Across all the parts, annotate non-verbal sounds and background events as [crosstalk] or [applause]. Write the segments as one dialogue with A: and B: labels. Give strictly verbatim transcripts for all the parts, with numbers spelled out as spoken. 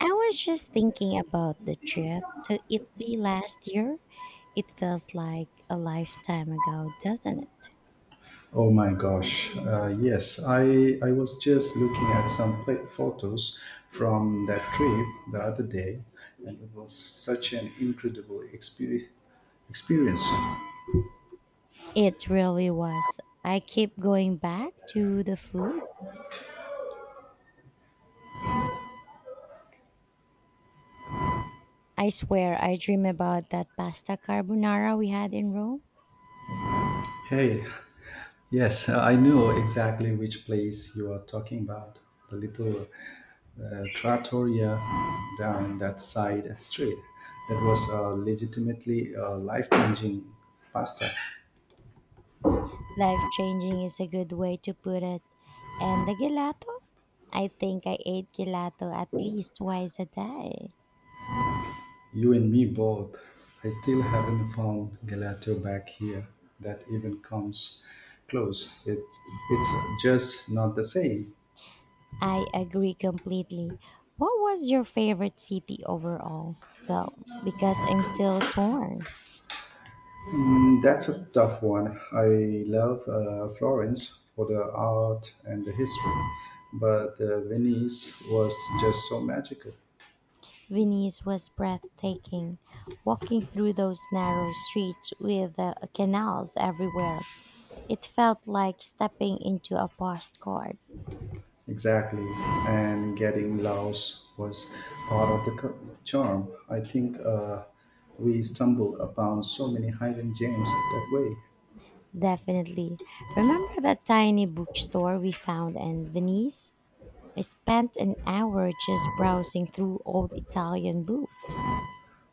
A: I was just thinking about the trip to Italy last year. It feels like a lifetime ago, doesn't it?
B: Oh my gosh. Uh, yes, I, I was just looking at some pla photos from that trip the other day, and it was such an incredible exper- experience.
A: It really was. I keep going back to the food. I swear I dream about that pasta carbonara we had in Rome.
B: Hey, yes, I know exactly which place you are talking about, the little uh, trattoria down that side street. That was uh, legitimately uh, life changing pasta.
A: Life changing is a good way to put it. And the gelato? I think I ate gelato at least twice a day.
B: You and me both. I still haven't found gelato back here that even comes close. It's it's just not the same.
A: I agree completely. What was your favorite city overall, though? Because I'm still torn.
B: Mm, that's a tough one. I love uh, Florence for the art and the history, but uh, Venice was just so magical.
A: Venice was breathtaking. Walking through those narrow streets with uh, canals everywhere, it felt like stepping into a postcard.
B: Exactly, and getting lost was part of the c- charm. I think uh, we stumble upon so many hidden gems that way.
A: Definitely. Remember that tiny bookstore we found in Venice? I spent an hour just browsing through old Italian books.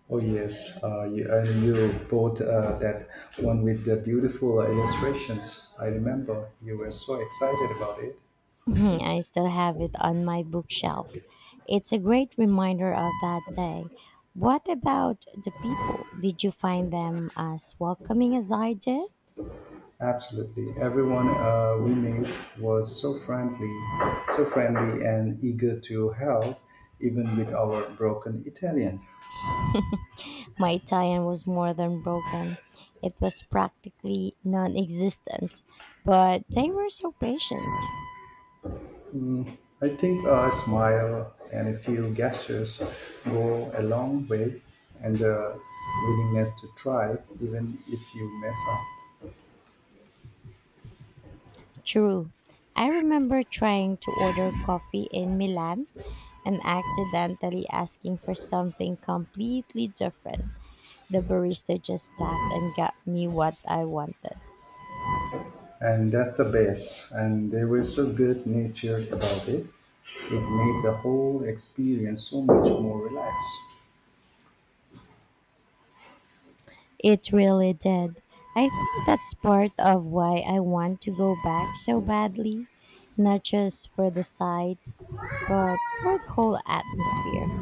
B: Oh yes, uh, you, and you bought uh, that one with the beautiful illustrations. I remember you were so excited about it.
A: [laughs] I still have it on my bookshelf. It's a great reminder of that day. What about the people? Did you find them as welcoming as I did?
B: Absolutely, everyone uh, we met was so friendly, so friendly and eager to help, even with our broken Italian.
A: My Italian was more than broken, it was practically non existent, but they were so patient.
B: I think a smile and a few gestures go a long way, and the willingness to try, even if you mess up.
A: True. I remember trying to order coffee in Milan and accidentally asking for something completely different. The barista just laughed and got me what I wanted.
B: And that's the best. And they were so good natured about it. It made the whole experience so much more relaxed.
A: It really did. I think that's part of why I want to go back so badly, not just for the sights, but for the whole atmosphere.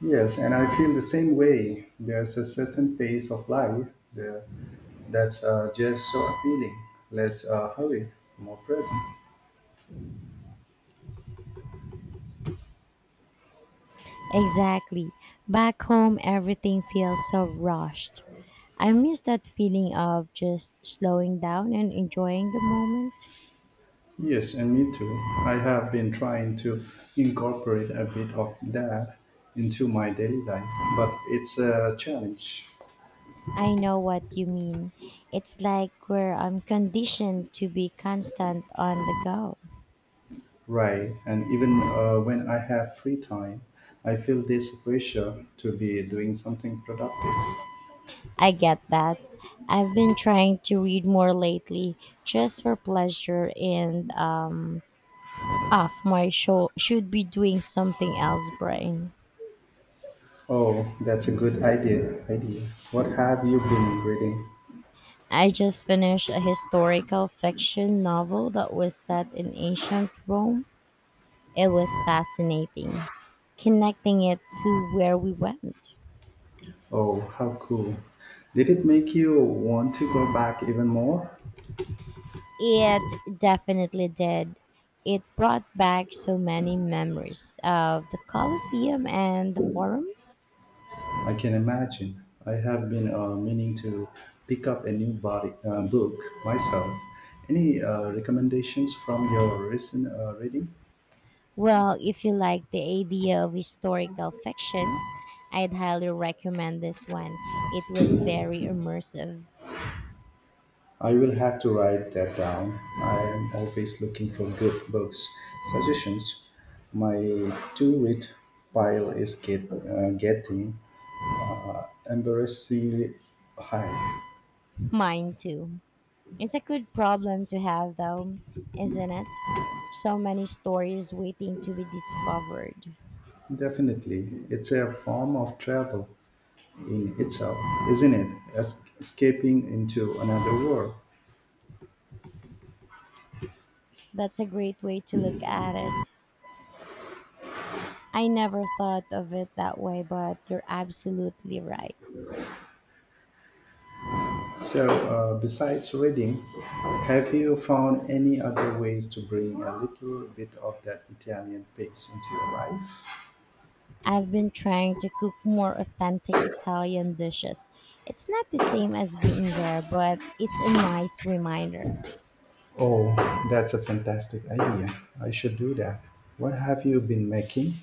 B: Yes, and I feel the same way. There's a certain pace of life there that's uh, just so appealing. Less uh, hurried, more present.
A: Exactly. Back home, everything feels so rushed. I miss that feeling of just slowing down and enjoying the moment.
B: Yes, and me too. I have been trying to incorporate a bit of that into my daily life, but it's a challenge.
A: I know what you mean. It's like where I'm conditioned to be constant on the go.
B: Right. And even uh, when I have free time, I feel this pressure to be doing something productive.
A: I get that. I've been trying to read more lately just for pleasure and um off my show should be doing something else brain.
B: Oh, that's a good idea. Idea. What have you been reading?
A: I just finished a historical fiction novel that was set in ancient Rome. It was fascinating, connecting it to where we went.
B: Oh, how cool. Did it make you want to go back even more?
A: It definitely did. It brought back so many memories of the Colosseum and the Forum.
B: I can imagine. I have been uh, meaning to pick up a new body, uh, book myself. Any uh, recommendations from your recent uh, reading?
A: Well, if you like the idea of historical fiction, I'd highly recommend this one. It was very immersive.
B: I will have to write that down. I am always looking for good books suggestions. My to read pile is get, uh, getting embarrassingly high.
A: Mine too. It's a good problem to have, though, isn't it? So many stories waiting to be discovered.
B: Definitely, it's a form of travel in itself, isn't it? Es- escaping into another world.
A: That's a great way to look at it. I never thought of it that way, but you're absolutely right.
B: So, uh, besides reading, have you found any other ways to bring a little bit of that Italian pace into your life?
A: I've been trying to cook more authentic Italian dishes. It's not the same as being there, but it's a nice reminder.
B: Oh, that's a fantastic idea. I should do that. What have you been making?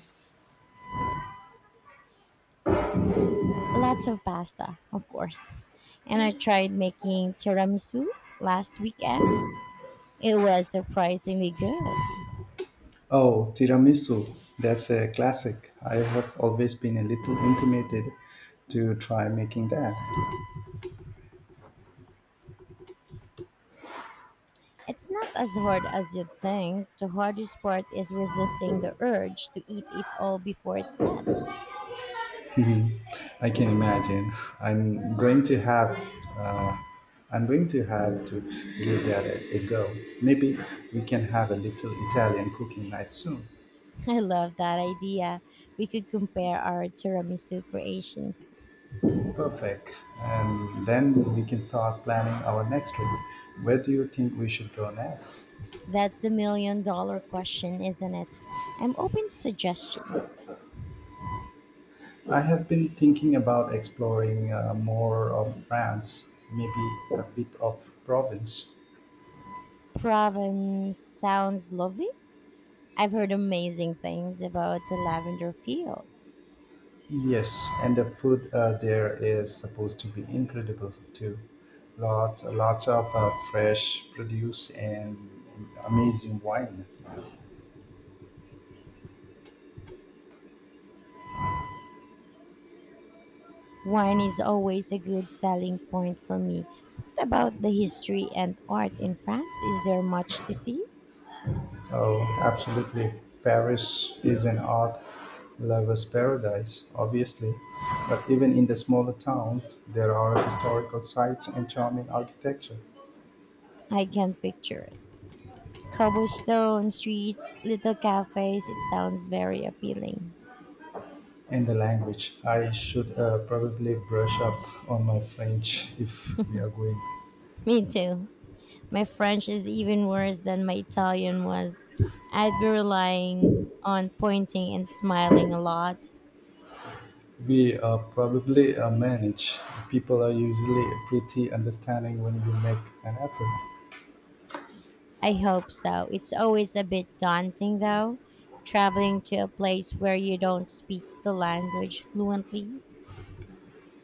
A: Lots of pasta, of course. And I tried making tiramisu last weekend. It was surprisingly good.
B: Oh, tiramisu. That's a classic. I have always been a little intimidated to try making that. [laughs]
A: It's not as hard as you'd think. The hardest part is resisting the urge to eat it all before it's set.
B: Mhm. I can imagine. I'm going to have. Uh, I'm going to have to give that a, a go. Maybe we can have a little Italian cooking night soon.
A: [laughs] I love that idea. We could compare our tiramisu creations.
B: Perfect. And then we can start planning our next trip. Where do you think we should go next?
A: That's the million dollar question, isn't it? I'm open to suggestions.
B: I have been thinking about exploring uh, more of France, maybe a bit of Provence.
A: Provence sounds lovely. I've heard amazing things about the lavender fields.
B: Yes, and the food uh, there is supposed to be incredible too. Lots, lots of uh, fresh produce and amazing wine.
A: Wine is always a good selling point for me. What about the history and art in France? Is there much to see?
B: Oh, absolutely. Paris is an art lover's paradise, obviously. But even in the smaller towns, there are historical sites and charming architecture.
A: I can't picture it. Cobblestone streets, little cafes, it sounds very appealing.
B: And the language. I should uh, probably brush up on my French if we are going.
A: Me too. My French is even worse than my Italian was. I'd be relying on pointing and smiling a lot.
B: We uh, probably uh, manage. People are usually pretty understanding when you make an effort.
A: I hope so. It's always a bit daunting though, traveling to a place where you don't speak the language fluently.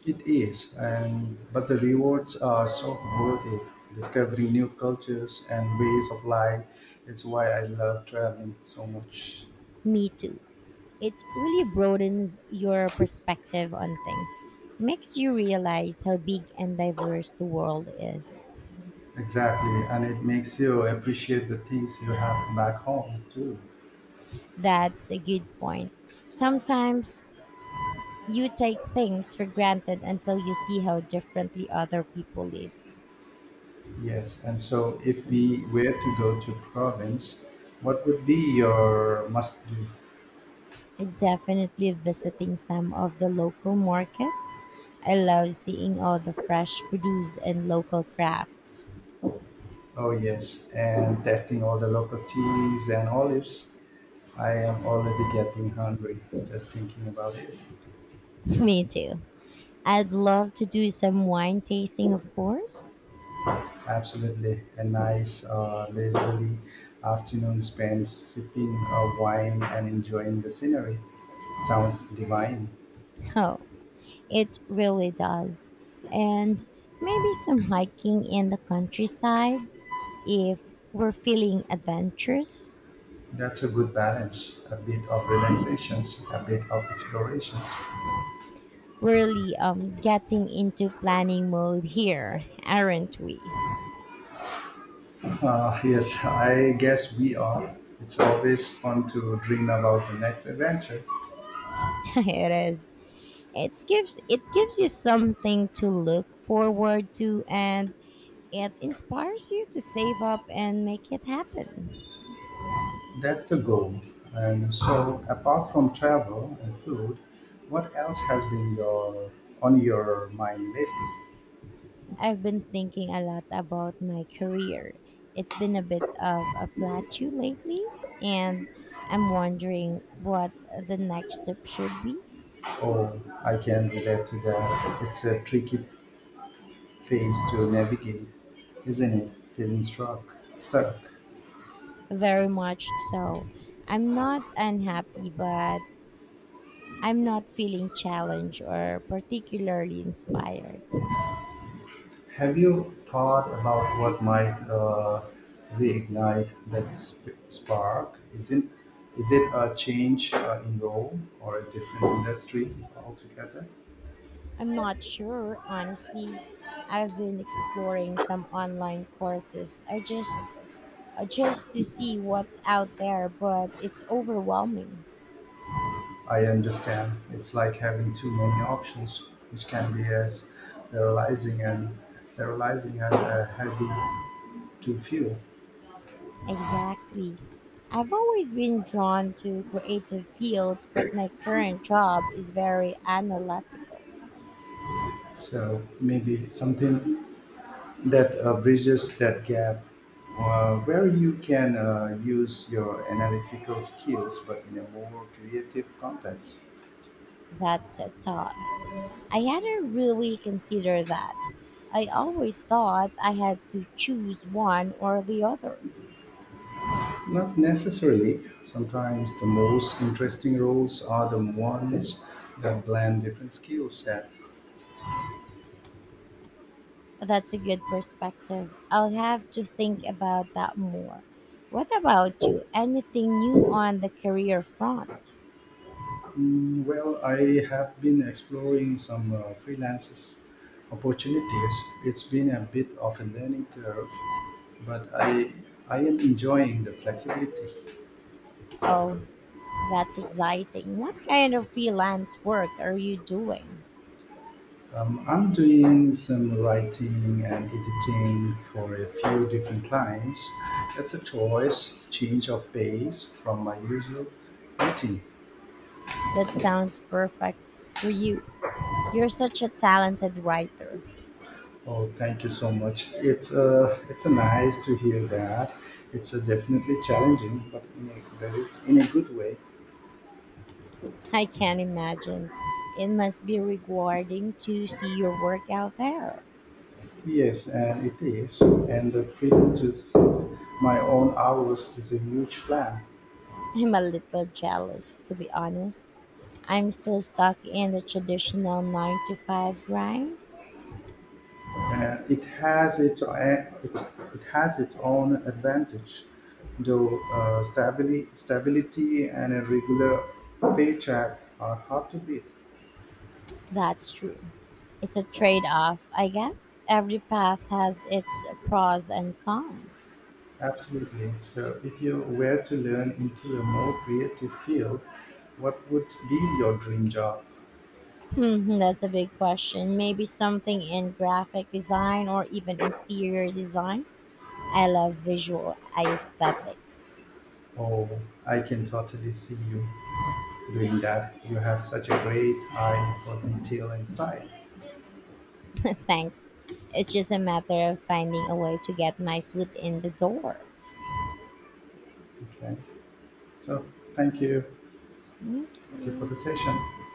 B: It is, and but the rewards are so worth it. Discovering new cultures and ways of life is why I love traveling so much.
A: Me too. It really broadens your perspective on things, makes you realize how big and diverse the world is.
B: Exactly, and it makes you appreciate the things you have back home too.
A: That's a good point. Sometimes you take things for granted until you see how differently other people live.
B: Yes, and so if we were to go to province, what would be your must do?
A: Definitely visiting some of the local markets. I love seeing all the fresh produce and local crafts.
B: Oh yes, and testing all the local cheese and olives. I am already getting hungry just thinking about it.
A: [laughs] Me too. I'd love to do some wine tasting, of course.
B: Absolutely. A nice, uh, leisurely afternoon spent sipping a wine and enjoying the scenery. Sounds divine.
A: [laughs] Oh, it really does. And maybe some hiking in the countryside if we're feeling adventurous.
B: That's a good balance. A bit of relaxations, a bit of explorations.
A: Really um getting into planning mode here, aren't we?
B: Uh, yes, I guess we are. It's always fun to dream about the next adventure.
A: [laughs] It is. It gives it gives you something to look forward to, and it inspires you to save up and make it happen.
B: That's the goal. And so, apart from travel and food, what else has been your on your mind lately?
A: I've been thinking a lot about my career. It's been a bit of a plateau lately, and I'm wondering what the next step should be.
B: Oh, I can relate to that. It's a tricky phase to navigate, isn't it? Feeling struck, stuck.
A: Very much so. I'm not unhappy, but I'm not feeling challenged or particularly inspired.
B: Have you thought about what might uh, reignite that sp- spark? Isn't Is it a change uh, in role or a different industry altogether?
A: I'm not sure, honestly. I've been exploring some online courses. I just uh, just to see what's out there, but it's overwhelming.
B: I understand. It's like having too many options, which can be as paralyzing and paralyzing as a heavy to fuel.
A: Exactly. I've always been drawn to creative fields, but my current job is very analytical.
B: So maybe something that uh, bridges that gap uh, where you can uh, use your analytical skills but in a more creative context.
A: That's a thought. I hadn't really considered that. I always thought I had to choose one or the other.
B: Not necessarily. Sometimes the most interesting roles are the ones that blend different skill set.
A: That's a good perspective. I'll have to think about that more. What about you? Anything new on the career front?
B: Mm, well, I have been exploring some uh, freelances opportunities. It's been a bit of a learning curve, but I I am enjoying the flexibility.
A: Oh, that's exciting. What kind of freelance work are you doing?
B: Um, I'm doing some writing and editing for a few different clients. It's a choice, change of pace from my usual routine.
A: That sounds perfect for you. You're such a talented writer.
B: Oh, thank you so much. It's uh, it's a nice to hear that. It's a definitely challenging, but in a very in a good way.
A: I can imagine. It must be rewarding to see your work out there.
B: Yes, and it is. And the freedom to set my own hours is a huge plan.
A: I'm a little jealous, to be honest. I'm still stuck in the traditional nine to five grind.
B: And it has its it's it has its own advantage though, uh, stability stability and a regular paycheck are hard to beat.
A: That's true. It's a trade off, I guess. Every path has its pros and cons.
B: Absolutely, so if you were to learn into a more creative field, what would be your dream job?
A: Hmm, that's a big question. Maybe something in graphic design or even interior design. I love visual aesthetics.
B: Oh, I can totally see you doing that. You have such a great eye for detail and style.
A: [laughs] Thanks. It's just a matter of finding a way to get my foot in the door.
B: Okay, so thank you, thank you for
A: Okay.
B: the session.